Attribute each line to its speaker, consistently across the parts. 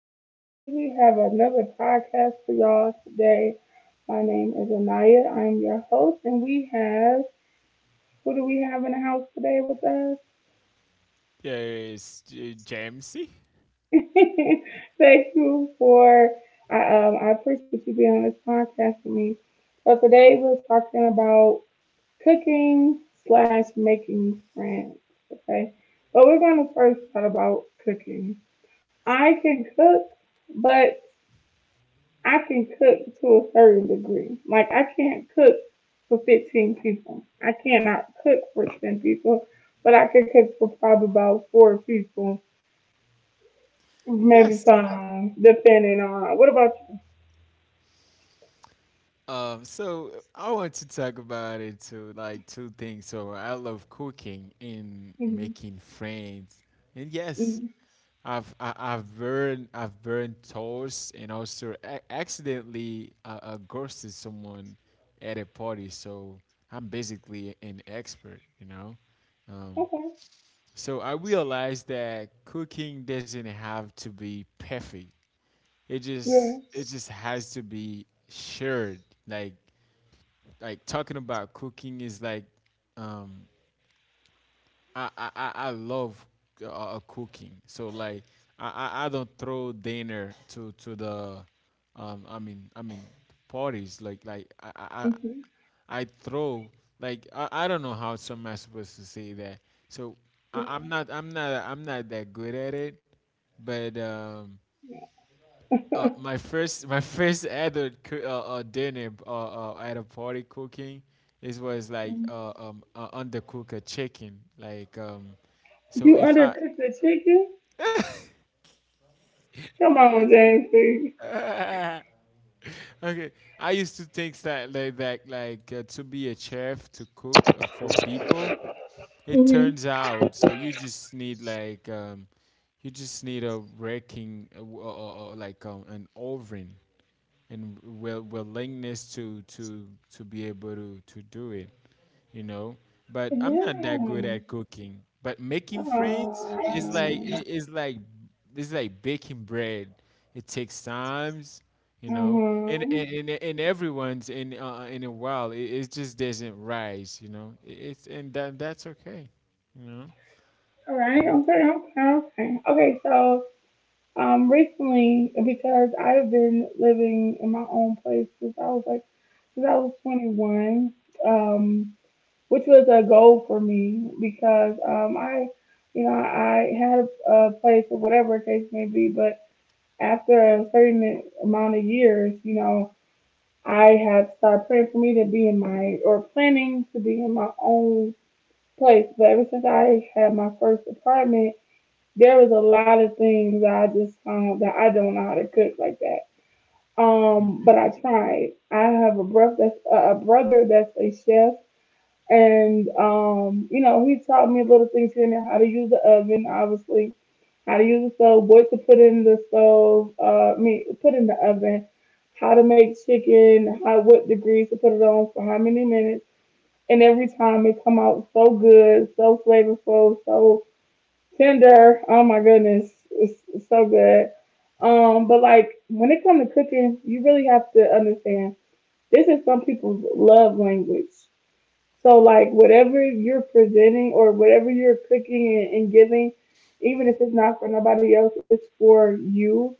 Speaker 1: everybody. We have another podcast for y'all today. My name is Anaya. I'm your host, and we have who do we have in the house today with us?
Speaker 2: Yes, Jamesy.
Speaker 1: Thank you for I I appreciate you being on this podcast with me. So today we're talking about cooking slash making friends. Okay, but we're gonna first talk about cooking. I can cook, but I can cook to a certain degree. Like I can't cook for 15 people. I cannot cook for 10 people, but I can cook for probably about four people, maybe
Speaker 2: Yes.
Speaker 1: five, depending on. What about
Speaker 2: So I want to talk about it to like two things. So I love cooking and
Speaker 1: you?
Speaker 2: making friends. And yes,
Speaker 1: Hmm
Speaker 2: I've burned toast, and also accidentally ghosted someone at a party. So I'm basically an expert. Um,
Speaker 1: Okay.
Speaker 2: so I realized that cooking doesn't have to be perfect. It just it
Speaker 1: Yes.
Speaker 2: just has to be shared. Like like talking about cooking is like um I love cooking. So like I don't throw dinner to the um I mean I mean parties, like, like I I I
Speaker 1: hmm
Speaker 2: I throw, like, I don't know how some are supposed to say that. So I, I'm not I'm not I'm not that good at it, but my first, my first other dinner at a party cooking, it was like undercook a chicken, like, so
Speaker 1: You
Speaker 2: if I
Speaker 1: undercook the chicken? Come
Speaker 2: yes.
Speaker 1: on, James. Please.
Speaker 2: Okay. I used to think that like to be a chef, to cook for people, it
Speaker 1: Mhm.
Speaker 2: turns out so you just need, like, you just need a raking, like, an oven and willingness to be able to do it, you know. But I'm not that good
Speaker 1: Yeah.
Speaker 2: at cooking, but making friends is
Speaker 1: Oh.
Speaker 2: is like it's like baking bread. It takes times, you know. and
Speaker 1: Uh-huh.
Speaker 2: and, and, and everyone's in a while, it just doesn't rise, you know. It- it's and That's okay, you know.
Speaker 1: All right. Okay. Okay. Okay. Okay. So recently because I've been living in my own place since I was like since I was 21, um, which was a goal for me because I, you know, I had a place or whatever the case may be, but after a certain amount of years, you know, I had to start praying for me to be in my or planning to be in my own place. But ever since I had my first apartment, there was a lot of things I just that I don't know how to cook like that. But I tried. I have a brother that's a chef, and you know, he taught me little things here and there, how to use the oven, obviously, how to use the stove, what to put in the stove, I mean, put in the oven, how to make chicken, how what degrees to put it on for how many minutes, and every time it come out so good, so flavorful, so Tinder. Oh my goodness, it's so good. But like when it comes to cooking, you really have to understand this is some people's love language. So like whatever you're presenting or whatever you're cooking and giving, even if it's not for nobody else, it's for you.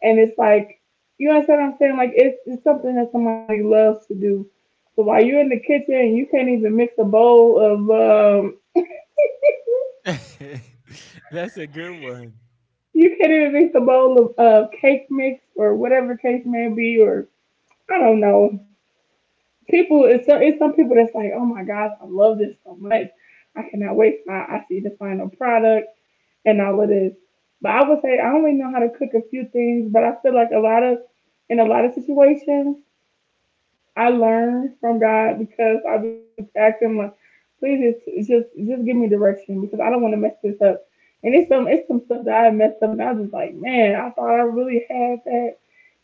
Speaker 1: And it's like you understand what I'm saying? Like it's something that somebody loves to do. So while you're in the kitchen and you can't even mix a bowl of
Speaker 2: That's a good one,
Speaker 1: you can't even mix a bowl of cake mix or whatever case may be, or I don't know. People, it's some people that's like, oh my gosh, I love this so much. I cannot wait till I see the final product and all of this. But I would say I only know how to cook a few things, but I feel like a lot of in a lot of situations I learn from God because I just ask Him like, please just give me direction because I don't want to mess this up. And it's some stuff that I messed up, and I was just like, man, I thought I really had that,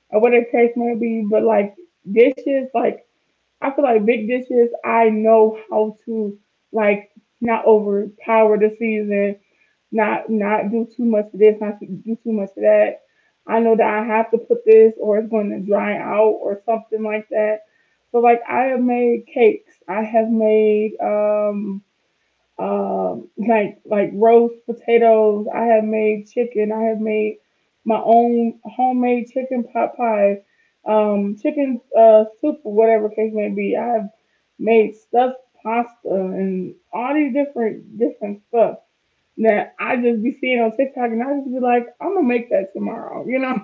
Speaker 1: or whatever the case may be. But like dishes, like I feel like big dishes, I know how to like not overpower the season, not not do too much of this, not do too much of that. I know that I have to put this or it's going to dry out or something like that. So like I have made cakes. I have made like roast potatoes. I have made chicken. I have made my own homemade chicken pot pie, chicken soup or whatever case may be. I have made stuffed pasta and all these different stuff that I just be seeing on TikTok and I just be like, I'm gonna make that tomorrow, you know?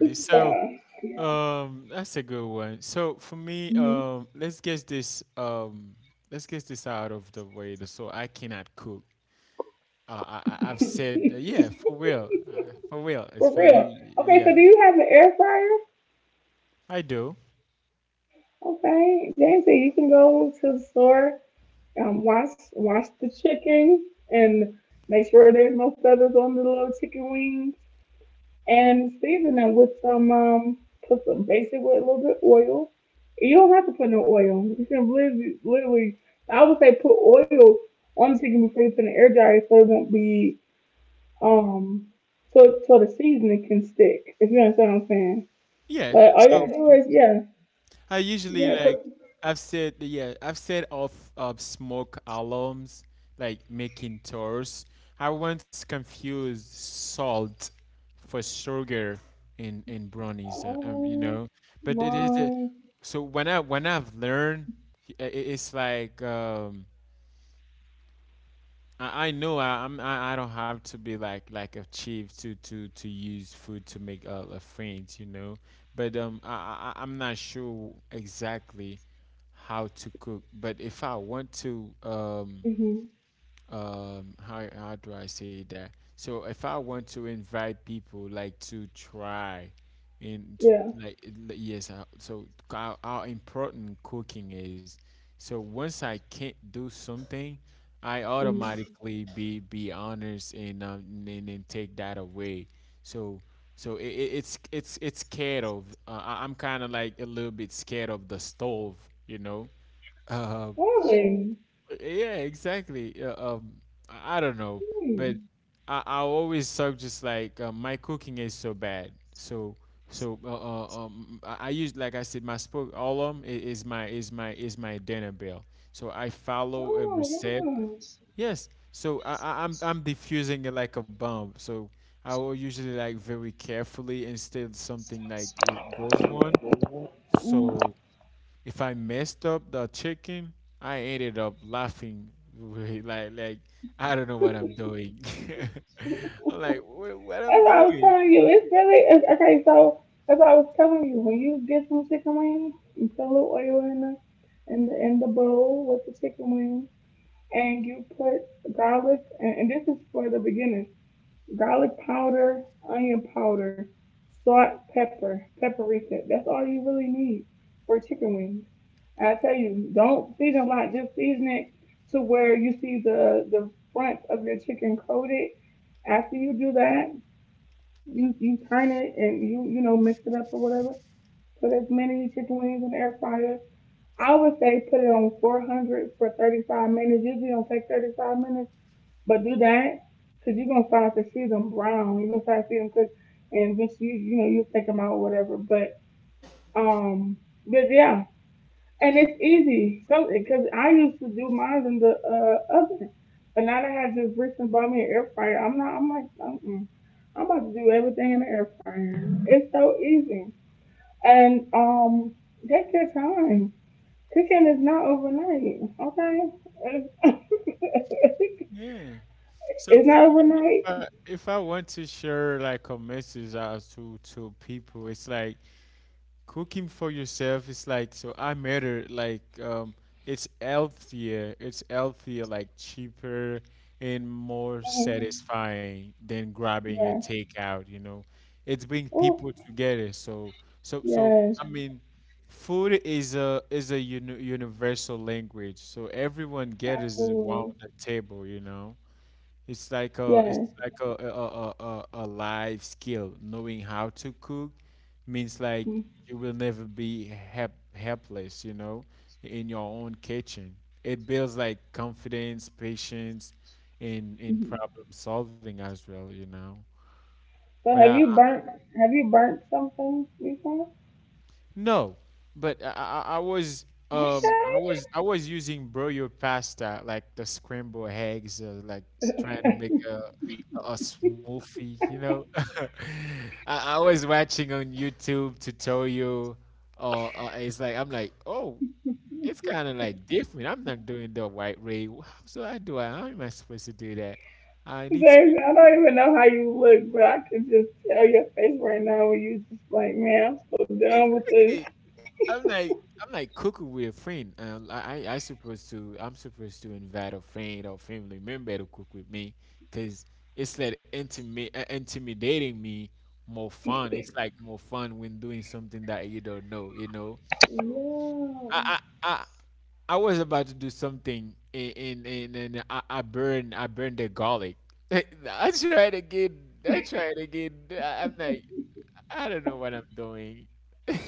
Speaker 1: This
Speaker 2: so. That's a good one. So for me, let's get this out of the way. So I cannot cook. I've said, yeah, for real, for real. It's
Speaker 1: for
Speaker 2: for you.
Speaker 1: real. Okay, so
Speaker 2: Yeah,
Speaker 1: do you have an air fryer?
Speaker 2: I do.
Speaker 1: Okay. James said you can go to the store, wash the chicken and make sure there's no feathers on the little chicken wings, and season them with some put some basic with a little bit of oil. You don't have to put no oil. You can literally I would say put oil on the chicken before you put it in the air dryer so it won't be um so so the seasoning can stick. If you understand what I'm saying.
Speaker 2: Yeah.
Speaker 1: Like all you gotta
Speaker 2: So
Speaker 1: do is yeah
Speaker 2: I usually,
Speaker 1: yeah
Speaker 2: like,
Speaker 1: put
Speaker 2: I've said off of smoke alarms, like making tours. I once confused salt for sugar in brownies. You
Speaker 1: oh
Speaker 2: know, but it is a.
Speaker 1: my
Speaker 2: So when I've learned, i- i- it's like I know I, I'm I don't have to be like achieved to use food to make a friends, you know. But I'm not sure exactly how to cook. But if I want to
Speaker 1: hmm
Speaker 2: how do I say that? So if I want to invite people, like, to try and to
Speaker 1: yeah.
Speaker 2: yes, so how important cooking is. So once I can't do something, I
Speaker 1: Mm.
Speaker 2: automatically be honest and and take that away. So so it's scared of. I'm kind of, like, a little bit scared of the stove, you know. Uh.
Speaker 1: Hey,
Speaker 2: Yeah, exactly. I don't know, but
Speaker 1: hmm.
Speaker 2: I always talk just, like, my cooking is so bad. So I use, like I said, my spoke alum is my dinner bell. So I follow a
Speaker 1: Oh,
Speaker 2: recipe.
Speaker 1: wow.
Speaker 2: Yes. So I'm diffusing it like a bomb. So I will usually, like, very carefully instead something, like it goes one. So if I messed up the chicken, I ended up laughing. Like I don't know what I'm doing.
Speaker 1: Mm.
Speaker 2: I'm like, what I'm
Speaker 1: That's what I was
Speaker 2: doing?
Speaker 1: telling you. It's really it's, okay. So that's what I was telling you. When you get some chicken wings, you put a little oil in the in the bowl with the chicken wings, and you put garlic. And this is for the beginners: garlic powder, onion powder, salt, pepper, paprika. That's all you really need for chicken wings. And I tell you, don't season a lot. Just season it to where you see the front of your chicken coated. After you do that, you turn it and you know mix it up or whatever. Put as many chicken wings in the air fryer. I would say put it on 400 for 35 minutes. Usually don't take 35 minutes, but do that because you're gonna start to see them brown. You're gonna start to see them cook, and eventually you you know you take them out or whatever. Um, but yeah, and it's easy. So because I used to do mine in the oven, but now that I have this recent and bought me an air fryer, I'm not. I'm like, mm I'm about to do everything in the air fryer. It's so easy. And take your time. Cooking is not overnight. Okay, it's,
Speaker 2: Yeah. So
Speaker 1: it's
Speaker 2: for
Speaker 1: not
Speaker 2: me, if
Speaker 1: overnight.
Speaker 2: I if I want to share, like, a message out to people, it's like cooking for yourself is, like, so I matter, like, it's healthier, like, cheaper and more
Speaker 1: Mhm.
Speaker 2: satisfying than grabbing a
Speaker 1: Yes.
Speaker 2: takeout, you know. It brings
Speaker 1: Oh,
Speaker 2: people together. So so so
Speaker 1: yes.
Speaker 2: I mean food is a universal language. So everyone gathers around
Speaker 1: Absolutely.
Speaker 2: the table, you know. It's
Speaker 1: Yes.
Speaker 2: like a life skill. Knowing how to cook means, like, you will never be helpless, you know, in your own kitchen. It builds, like, confidence, patience, in
Speaker 1: Mm-hmm.
Speaker 2: problem solving as well, you know. But
Speaker 1: So have
Speaker 2: I,
Speaker 1: you burnt? Have you burnt something before?
Speaker 2: No, but I, I I was um I
Speaker 1: Okay.
Speaker 2: was I was using broiled pasta like the scrambled eggs, like trying to make a smoothie, you know. I was watching on YouTube tutorial, or it's like I'm like, oh, it's kind of like different. I'm not doing the white ray. How so I do I? How am I supposed to do that? I need to...
Speaker 1: James, I don't even know how you look, but I can just tell your face right now when you just like, man, I'm so done with this.
Speaker 2: Exactly. I'm like I'm like cuckoo with a friend. I'm supposed to invite a friend or family member to cook with me, cause it's like intimate intimidating me more fun. It's like more fun when doing something that you don't know, you know.
Speaker 1: Yeah.
Speaker 2: I I I, I was about to do something, and I burned the garlic. I tried again. I tried again. I'm like I don't know what I'm doing.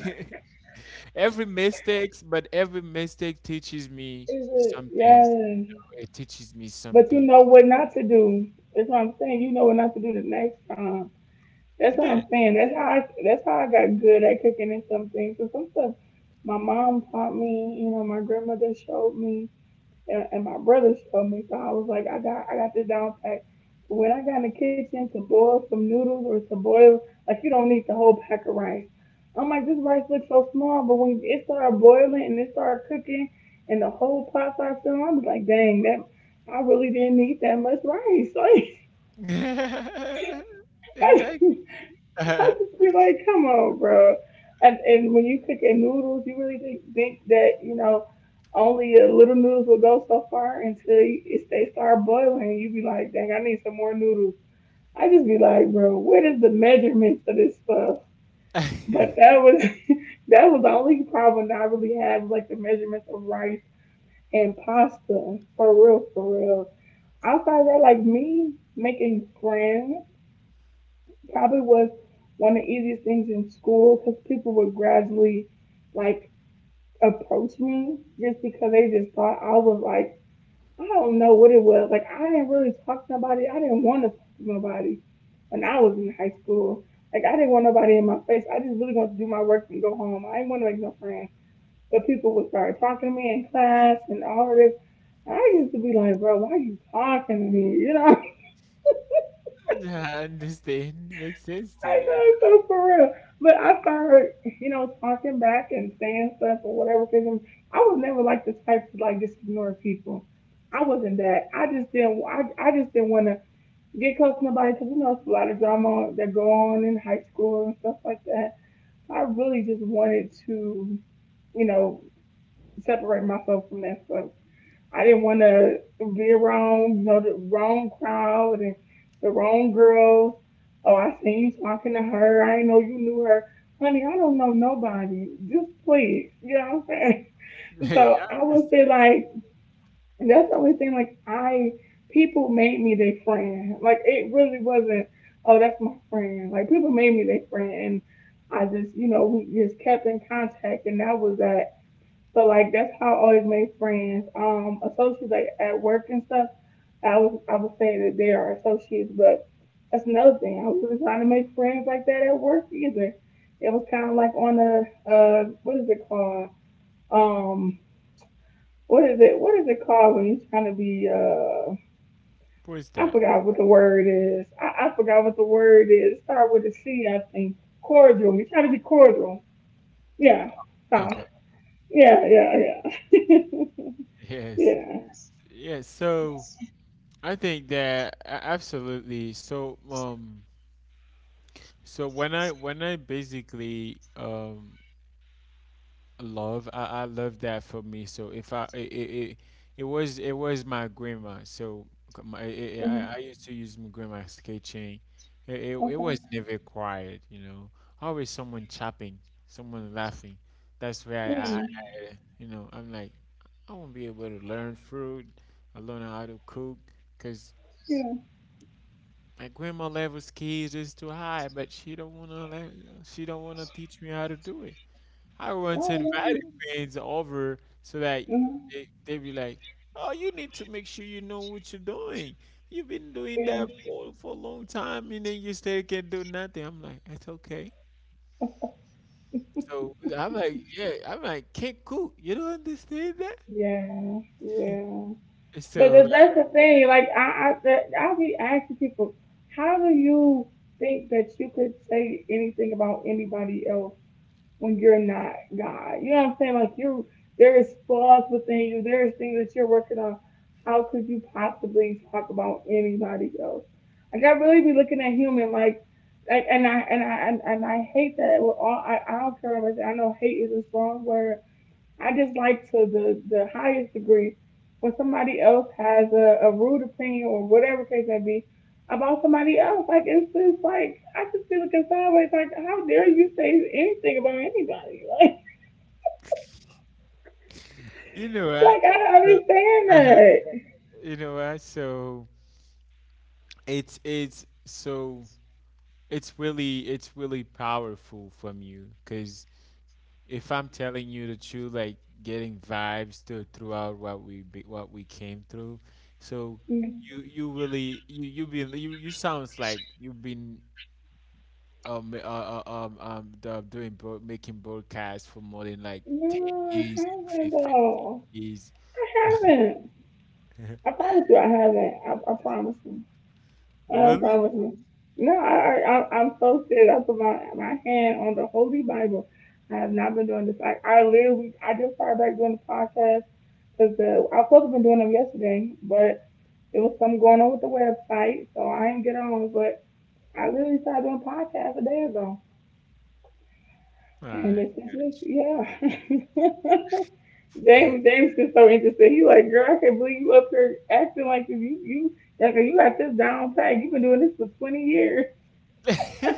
Speaker 2: Every mistakes, but every mistake teaches me
Speaker 1: Is it?
Speaker 2: something.
Speaker 1: Yes.
Speaker 2: It teaches me
Speaker 1: But you
Speaker 2: something.
Speaker 1: know what not to do. That's what I'm saying. You know what not to do the next time. That's what
Speaker 2: Yeah.
Speaker 1: I'm saying. That's how I got good at cooking and some things. And some stuff my mom taught me, you know, my grandmother showed me, and my brother showed me. So I was like, I got this down pack. But when I got in the kitchen to boil some noodles or to boil, like you don't need the whole pack of rice. I'm like, this rice looks so small, but when it started boiling and it started cooking and the whole pot started filling, I was like, dang, that I really didn't need that much rice. Like,
Speaker 2: Exactly.
Speaker 1: I
Speaker 2: I
Speaker 1: just be like, come on, bro. And when you cooking noodles, you really think that you know only a little noodles will go so far until you- it's, they start boiling. You be like, dang, I need some more noodles. I just be like, bro, what is the measurements of this stuff? But that was that was the only problem that I really had, was, like, the measurements of rice and pasta. For real, for real. Outside of that, like me making friends probably was one of the easiest things in school because people would gradually like approach me just because they just thought I was like I don't know what it was. Like I didn't really talk to nobody. I didn't want to talk to nobody when I was in high school. Like I didn't want nobody in my face. I just really wanted to do my work and go home. I didn't want to make no friends. But people would start talking to me in class and all of this. And I used to be like, bro, why are you talking to me? You know?
Speaker 2: understand. Makes sense to
Speaker 1: I
Speaker 2: you.
Speaker 1: know, so for real. But I started, you know, talking back and saying stuff or whatever. Cause I'm- I was never like the type to like just ignore people. I wasn't that. I just didn't. I just didn't want to get close to nobody because you know it's a lot of drama that go on in high school and stuff like that. So I really just wanted to, you know, separate myself from that stuff. I didn't want to be around, you know, the wrong crowd and the wrong girls. Oh, I seen you talking to her. I didn't know you knew her. Honey, I don't know nobody. Just please. You know what I'm saying? So
Speaker 2: I
Speaker 1: I would say,
Speaker 2: understand.
Speaker 1: like, that's the only thing, like, I, people made me their friend. Like, it really wasn't, oh, that's my friend. Like, people made me their friend. And I just, you know, we just kept in contact. And that was that. So like that's how I always made friends. Associates like at work and stuff. I would say that they are associates, but that's another thing. I wasn't trying to make friends like that at work either. It was kind of like on a what is it called? Um, what is it? What is it called when you're trying to be?
Speaker 2: What's
Speaker 1: I
Speaker 2: that?
Speaker 1: forgot what the word is. I forgot what the word is. Start with a C, I think. Cordial. You're trying to be cordial. Yeah. So
Speaker 2: Okay.
Speaker 1: yeah, yeah, yeah,
Speaker 2: Yes.
Speaker 1: yeah.
Speaker 2: Yes. So I think that, absolutely. So when I basically, I love that. For me, so if I it, it, it it was my grandma. So c- my, I
Speaker 1: Mm-hmm.
Speaker 2: used to use my grandma's kitchen. It
Speaker 1: Okay.
Speaker 2: was never quiet, you know, always someone chopping, someone laughing. That's where
Speaker 1: Yeah.
Speaker 2: you know, I'm like, I won't be able to learn fruit. I learn how to cook because
Speaker 1: Yeah.
Speaker 2: my grandma level skills is too high, but she don't want to teach me how to do it. I once
Speaker 1: Oh
Speaker 2: invited
Speaker 1: yeah.
Speaker 2: friends over, so that
Speaker 1: Hmm.
Speaker 2: they be like, "Oh, you need to make sure you know what you're doing. You've been doing that
Speaker 1: Yeah.
Speaker 2: for a long time, and then you still can't do nothing." I'm like, "That's okay." So I'm like, "Yeah." I'm like, "Can't cook. You don't understand that?"
Speaker 1: Yeah. Yeah. But
Speaker 2: So, like,
Speaker 1: that's the thing. Like I be asking people, how do you think that you could say anything about anybody else, when you're not God? You know what I'm saying? Like you, there is flaws within you, there is things that you're working on. How could you possibly talk about anybody else? Like I really be looking at human, and I hate that with all, I don't care about that. I know hate is a strong word. I just like to the highest degree, when somebody else has a rude opinion or whatever case may be about somebody else. Like it's just like I just feel looking sideways like how dare you say anything about anybody?
Speaker 2: you know what?
Speaker 1: Like I don't
Speaker 2: So
Speaker 1: understand that.
Speaker 2: you know what? So it's it's so it's really powerful from you, because if I'm telling you the truth, like, getting vibes to, throughout what we be, what we came through, so you sounds like you've been making broadcasts for more than, like, ten
Speaker 1: No, I
Speaker 2: years and
Speaker 1: haven't
Speaker 2: fifteen
Speaker 1: though.
Speaker 2: years.
Speaker 1: I haven't. I promise you I haven't. I promise you. Oh, so I
Speaker 2: Really?
Speaker 1: was me. No, I'm so serious. I put my hand on the Holy Bible. I have not been doing this. I literally, I just started back doing the podcast because I was supposed to been doing them yesterday, but it was something going on with the website, so I didn't get on. But I literally started doing podcasts a day ago, and
Speaker 2: Alright.
Speaker 1: it's just, it's- yeah. James, James is so interested. He like, girl, I can't believe you up here acting like this. Like, you got this down pat. You've been doing this for 20 years.
Speaker 2: Yeah,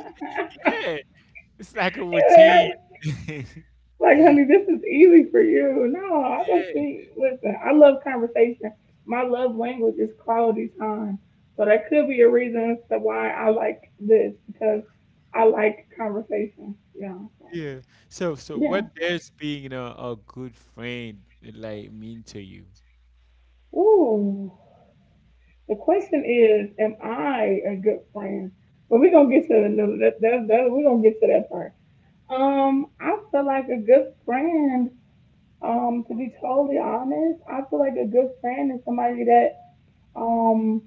Speaker 2: it's like a routine. Yeah,
Speaker 1: Like, honey, this is easy for you. No, I just think, listen, I love conversation. My love language is quality time. So that could be a reason as to why I like this because I like conversation. Yeah. So,
Speaker 2: yeah. So
Speaker 1: yeah.
Speaker 2: what does being a good friend, like, mean to you?
Speaker 1: Ooh. The question is, am I a good friend? But we're going to get to the, that, that, that, we're going to get to that part. I feel like a good friend, to be totally honest, I feel like a good friend is somebody that, um,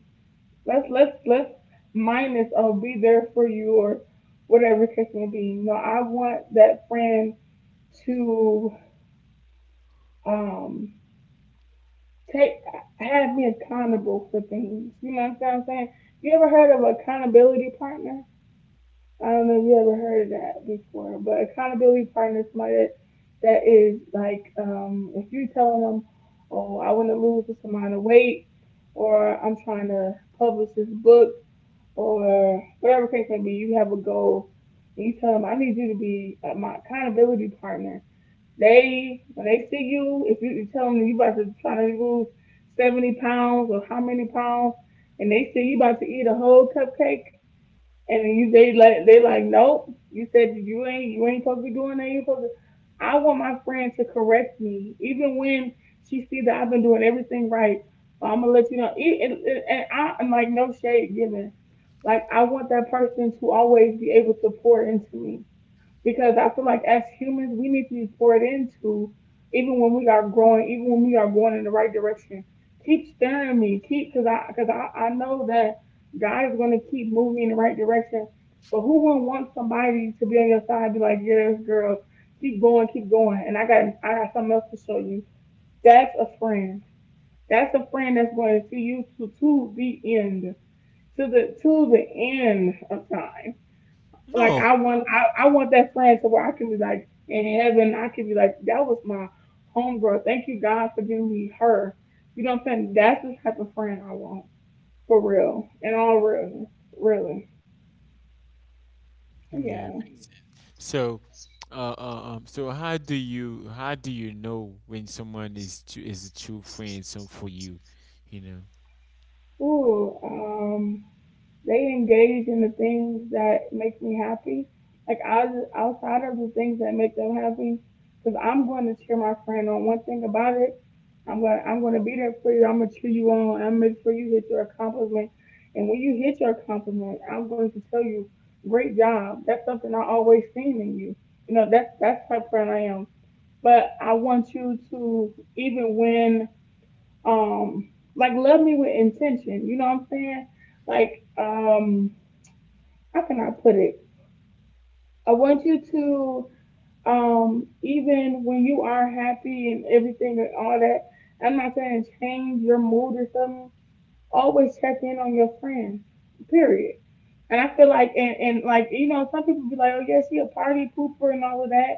Speaker 1: let's mind this. Oh, be there for you or whatever the case may be. No, I want that friend to um take have me accountable for things. You know what I'm saying? You ever heard of an accountability partner? I don't know if you ever heard of that before, but accountability partner is somebody that is like if you telling them, oh, I want to lose this amount of weight, or I'm trying to publish this book or whatever case may be, you have a goal and you tell them, I need you to be my accountability partner. They, when they see you, if you tell them you about to try to lose 70 pounds or how many pounds, and they see you about to eat a whole cupcake, and you, they like, nope. You said you ain't supposed to be doing that. You ain't supposed to. I want my friend to correct me, even when she see that I've been doing everything right. I'm gonna let you know. Am like, no shade given. Like, I want that person to always be able to pour into me because I feel like as humans, we need to be poured into, even when we are growing, even when we are going in the right direction. Keep stirring me, keep I know that God is going to keep moving me in the right direction. But who wouldn't want somebody to be on your side, be like, yes, girl, keep going, and I got something else to show you. That's a friend. That's a friend that's going to see you to the end of time. Like
Speaker 2: No.
Speaker 1: I want that friend to where I can be like in heaven, I can be like, that was my homegirl. Thank you God for giving me her. You know what I'm saying? That's the type of friend I want. For real. In all realness. Really.
Speaker 2: Yeah.
Speaker 1: Yeah.
Speaker 2: So, so how do you know when someone is a true friend, so, for you, you know?
Speaker 1: Ooh, they engage in the things that make me happy. Like outside of the things that make them happy, because I'm going to cheer my friend on. One thing about it, I'm gonna be there for you. I'm gonna cheer you on. I'm going to make sure you hit your accomplishment. And when you hit your accomplishment, I'm going to tell you, great job. That's something I always seen in you. You know, that's the type of friend I am. But I want you to even when um like love me with intention. You know what I'm saying? Like um how can I put it? I want you to, even when you are happy and everything and all that, I'm not saying change your mood or something. Always check in on your friends. Period. And I feel like, and like, you know, some people be like, oh, yeah, she a party pooper and all of that.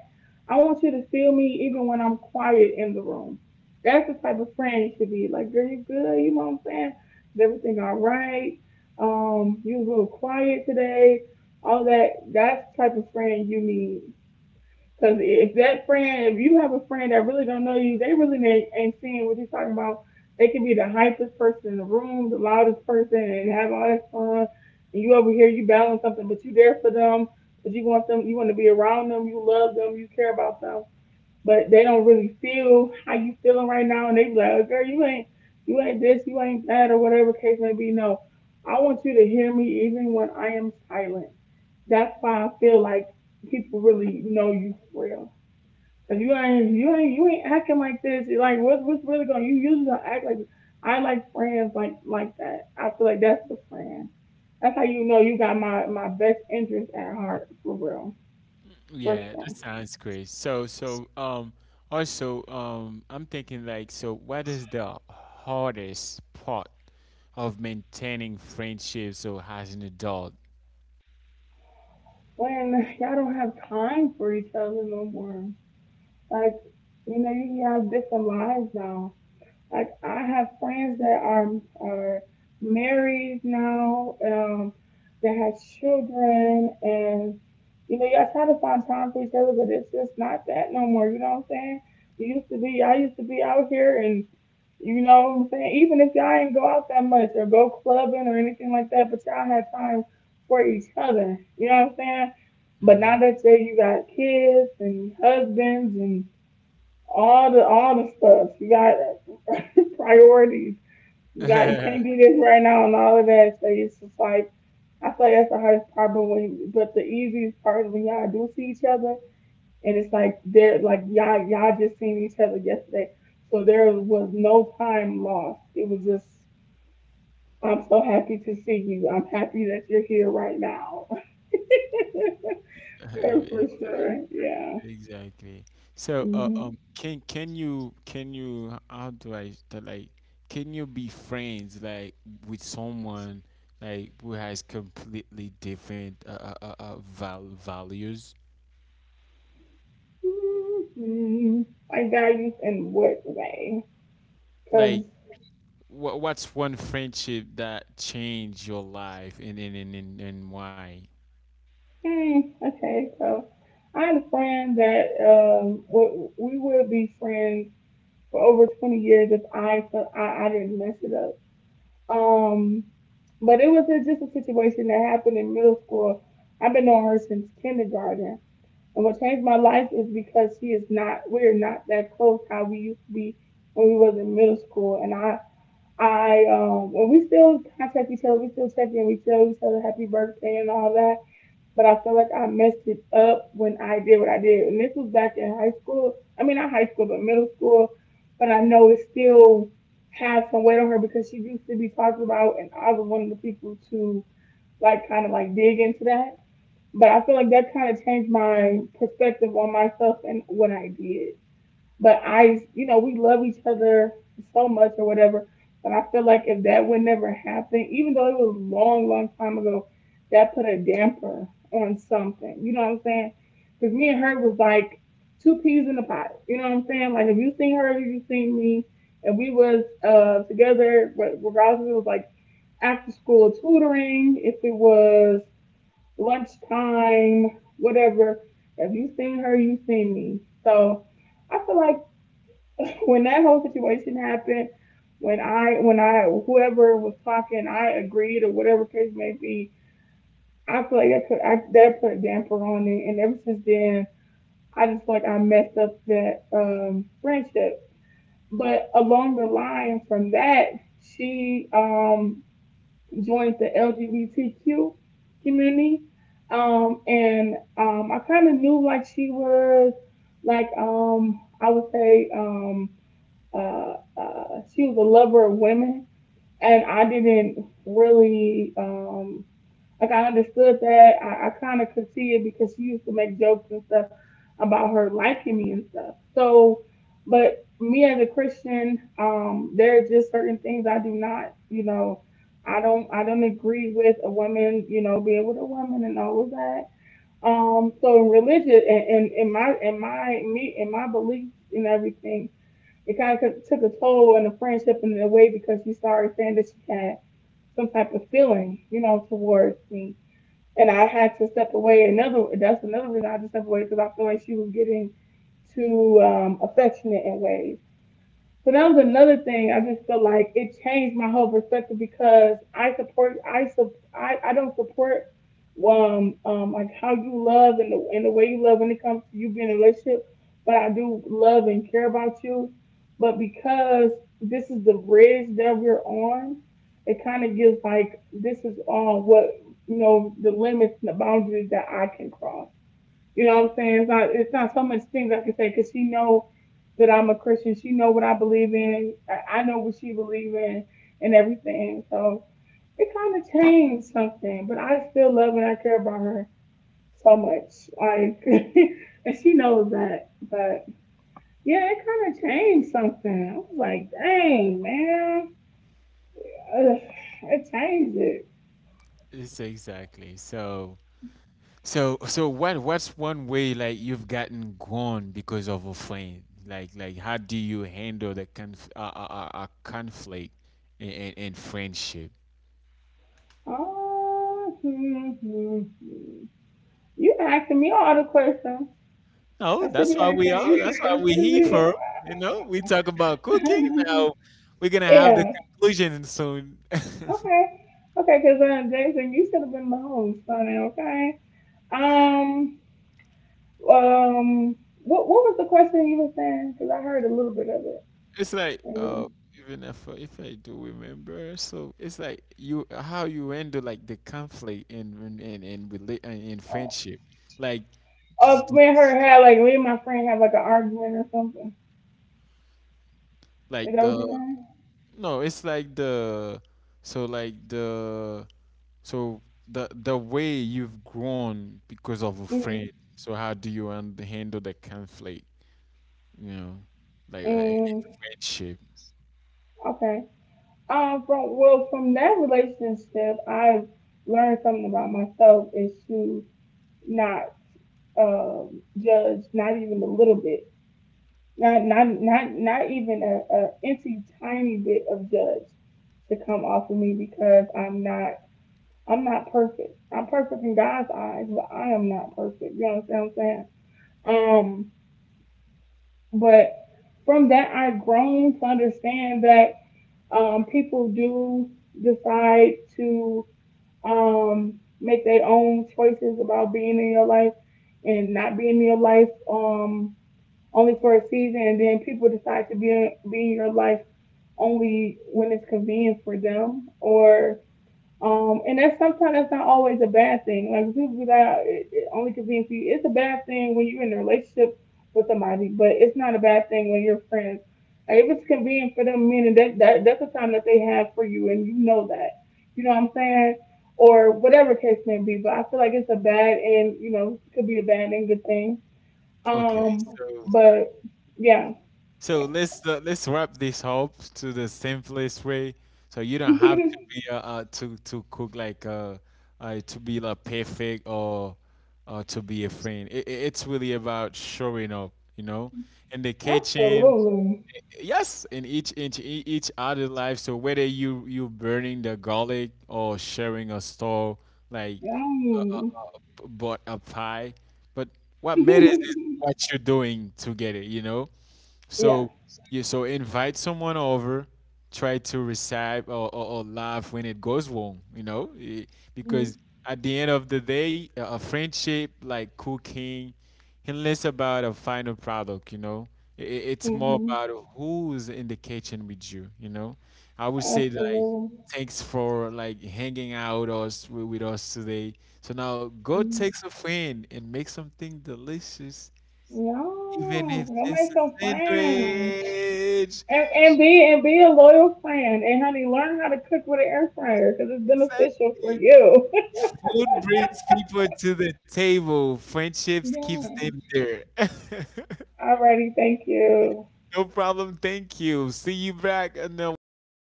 Speaker 1: I want you to feel me even when I'm quiet in the room. That's the type of friend you should be. Like, girl, you good? You know what I'm saying? Is everything all right? You was a little quiet today. All that. That's the type of friend you need. Because if that friend, if you have a friend that really don't know you, they really ain't seeing what you're talking about. They can be the hypest person in the room, the loudest person, and have all that fun. And you over here, you battling something, but you there for them because you want them, you want to be around them, you love them, you care about them. But they don't really feel how you feeling right now, and they be like, oh, "Girl, you ain't this, you ain't that, or whatever case may be." No, I want you to hear me even when I am silent. That's why I feel like people really know you for real. If you ain't, you ain't acting like this. You're like, what's really going? You usually don't act like this. I like friends like that. I feel like that's the friend. That's how you know you got my best interest at heart for real, for
Speaker 2: Yeah, that
Speaker 1: sure.
Speaker 2: sounds great. So, also, I'm thinking, like, so what is the hardest part of maintaining friendships or as an adult?
Speaker 1: When y'all don't have time for each other no more, like you know you have different lives now. Like I have friends that are married now, that have children, and you know y'all try to find time for each other, but it's just not that no more. You know what I'm saying? You used to be, I used to be out here, and you know what I'm saying. Even if y'all ain't go out that much or go clubbing or anything like that, but y'all had time for each other. You know what I'm saying? But now that say you got kids and husbands and all the stuff. You got priorities. You
Speaker 2: Mm-hmm.
Speaker 1: can't do this right now and all of that. So it's just like I feel like that's the hardest part. But when but the easiest part is when y'all do see each other and it's like they're like y'all just seen each other yesterday. So there was no time lost. It was just I'm so happy to see you. I'm happy that you're here right now. For sure. Yeah.
Speaker 2: Exactly. So,
Speaker 1: Mhm.
Speaker 2: can you how do I to, like, can you be friends, like, with someone like who has completely different, values?
Speaker 1: Mhm. Like values in what way?
Speaker 2: Like,
Speaker 1: Cause,
Speaker 2: what's one friendship that changed your life, and why?
Speaker 1: hmm, okay, so I had a friend that we would be friends for over 20 years if I didn't mess it up. Um, but it was a, just a situation that happened in middle school. I've been knowing her since kindergarten, and what changed my life is because she is not we are not that close how we used to be when we was in middle school, and I. I when we still contact each other, we still check in, we tell each other happy birthday and all that, but I feel like I messed it up when I did what I did. And this was back in high school. I mean, not high school, but middle school. But I know it still has some weight on her because she used to be talked about, and I was one of the people to like kind of like dig into that. But I feel like that kind of changed my perspective on myself and what I did. But I, you know, we love each other so much or whatever. But I feel like if that would never happen, even though it was a long, long time ago, that put a damper on something. You know what I'm saying? Because me and her was like two peas in a pot. You know what I'm saying? Like if you seen her, if you seen me, and we was together, regardless if it was like after school tutoring, if it was lunchtime, whatever. If you seen her, you seen me. So. I feel like when that whole situation happened, when I whoever was talking, I agreed or whatever case may be. I feel like that that put a damper on it, and ever since then, I just feel like I messed up that friendship. But along the line from that, she joined the LGBTQ community, and I kind of knew like she was like I would say. uh, uh, she was a lover of women, and I didn't really like I understood that. I kind of could see it because she used to make jokes and stuff about her liking me and stuff. So, but me as a Christian, there are just certain things I do not, you know, I don't agree with a woman, you know, being with a woman and all of that. So in religion and in my beliefs and everything, it kind of took a toll on the friendship in a way because she started saying that she had some type of feeling, you know, towards me. And I had to step away. Another that's another reason I had to step away because I feel like she was getting too affectionate in ways. So that was another thing. I just feel like it changed my whole perspective because I support, I sup, I don't support, like how you love and the way you love when it comes to you being in a relationship. But I do love and care about you. But because this is the bridge that we're on, it kind of gives like this is all what, you know, the limits and the boundaries that I can cross. You know what I'm saying? It's not so much things I can say because she know that I'm a Christian. She know what I believe in. I know what she believe in and everything. So it kind of changed something, but I still love and I care about her so much. Like, and she knows that. But yeah, it kind of changed something. I was like, dang man, ugh, it changed it.
Speaker 2: It's exactly. So, what's one way, like, you've gotten gone because of a friend? Like how do you handle the conflict in friendship?
Speaker 1: Oh, hmm, hmm, hmm. You asking me all the questions.
Speaker 2: No,
Speaker 1: I should
Speaker 2: that's
Speaker 1: be
Speaker 2: why we
Speaker 1: asking
Speaker 2: are.
Speaker 1: you since
Speaker 2: That's
Speaker 1: I
Speaker 2: why we here for.
Speaker 1: should.
Speaker 2: You know, we talk about cooking now. We're gonna have the
Speaker 1: Yeah.
Speaker 2: conclusion soon.
Speaker 1: Okay. Okay, because Jason, you should have been the host, honey. Okay. Um. Um. What was the question you were saying? Because I heard a little bit of it.
Speaker 2: It's like,
Speaker 1: And,
Speaker 2: even if I do remember, so it's like, you how you handle, like, the conflict in, rela- in friendship, like. D- d-
Speaker 1: me and her had like me and my friend had like an argument or something. Is
Speaker 2: like
Speaker 1: that what
Speaker 2: the
Speaker 1: you're saying?
Speaker 2: No, it's like, so like the so the way you've grown because of a
Speaker 1: Mm.
Speaker 2: friend. So how do you handle the conflict? You know, like, in
Speaker 1: Mm.
Speaker 2: friendship.
Speaker 1: Okay. From, well, from that relationship, I've learned something about myself is to not judge, not even a little bit, not even a itty tiny bit of judge to come off of me because I'm not perfect. I'm perfect in God's eyes, but I am not perfect. You understand what I'm saying? But from that I've grown to understand that people do decide to make their own choices about being in your life and not being in your life. Um, only for a season, and then people decide to be in your life only when it's convenient for them, or and that's sometimes that's not always a bad thing. Like people be like, "Oh, it only convenient for you. It's a bad thing when you're in a relationship with somebody, but it's not a bad thing when you're friends. Like if it's convenient for them, meaning that that's the time that they have for you, and you know that. You know what I'm saying? Or whatever case may be, but I feel like it's a bad and you know could be a bad and good thing,
Speaker 2: Okay,
Speaker 1: um,
Speaker 2: so
Speaker 1: but yeah.
Speaker 2: so let's wrap this up to the simplest way. So you don't have to be to cook like, to be, like, perfect or to be a friend. It's really about showing up, you know, in the kitchen.
Speaker 1: Absolutely.
Speaker 2: Yes, in each other life. So whether you burning the garlic or sharing a store, like,
Speaker 1: Um,
Speaker 2: bought a pie, but what matters is what you're doing together, you know.
Speaker 1: yeah.
Speaker 2: So, yeah, so invite someone over, try to recite, or laugh when it goes wrong, you know. Eh, because at the end of the day, a friendship, like cooking, and less about a final product, you know. It's more
Speaker 1: Mm-hmm.
Speaker 2: about who's in the kitchen with you, you know. I would say, like,
Speaker 1: Absolutely.
Speaker 2: thanks for, like, hanging out us with us today. So now go
Speaker 1: Mhm.
Speaker 2: take a friend and make something delicious, even
Speaker 1: No,
Speaker 2: if
Speaker 1: go
Speaker 2: just
Speaker 1: make
Speaker 2: a
Speaker 1: some friends
Speaker 2: sandwich.
Speaker 1: and be and be a loyal friend. And honey, learn how to cook with an air fryer because it's beneficial for
Speaker 2: Exactly.
Speaker 1: you.
Speaker 2: Food brings people to the table. Friendships keeps
Speaker 1: Yeah.
Speaker 2: them there.
Speaker 1: Alrighty, thank you.
Speaker 2: No problem. Thank you. See you back in a while.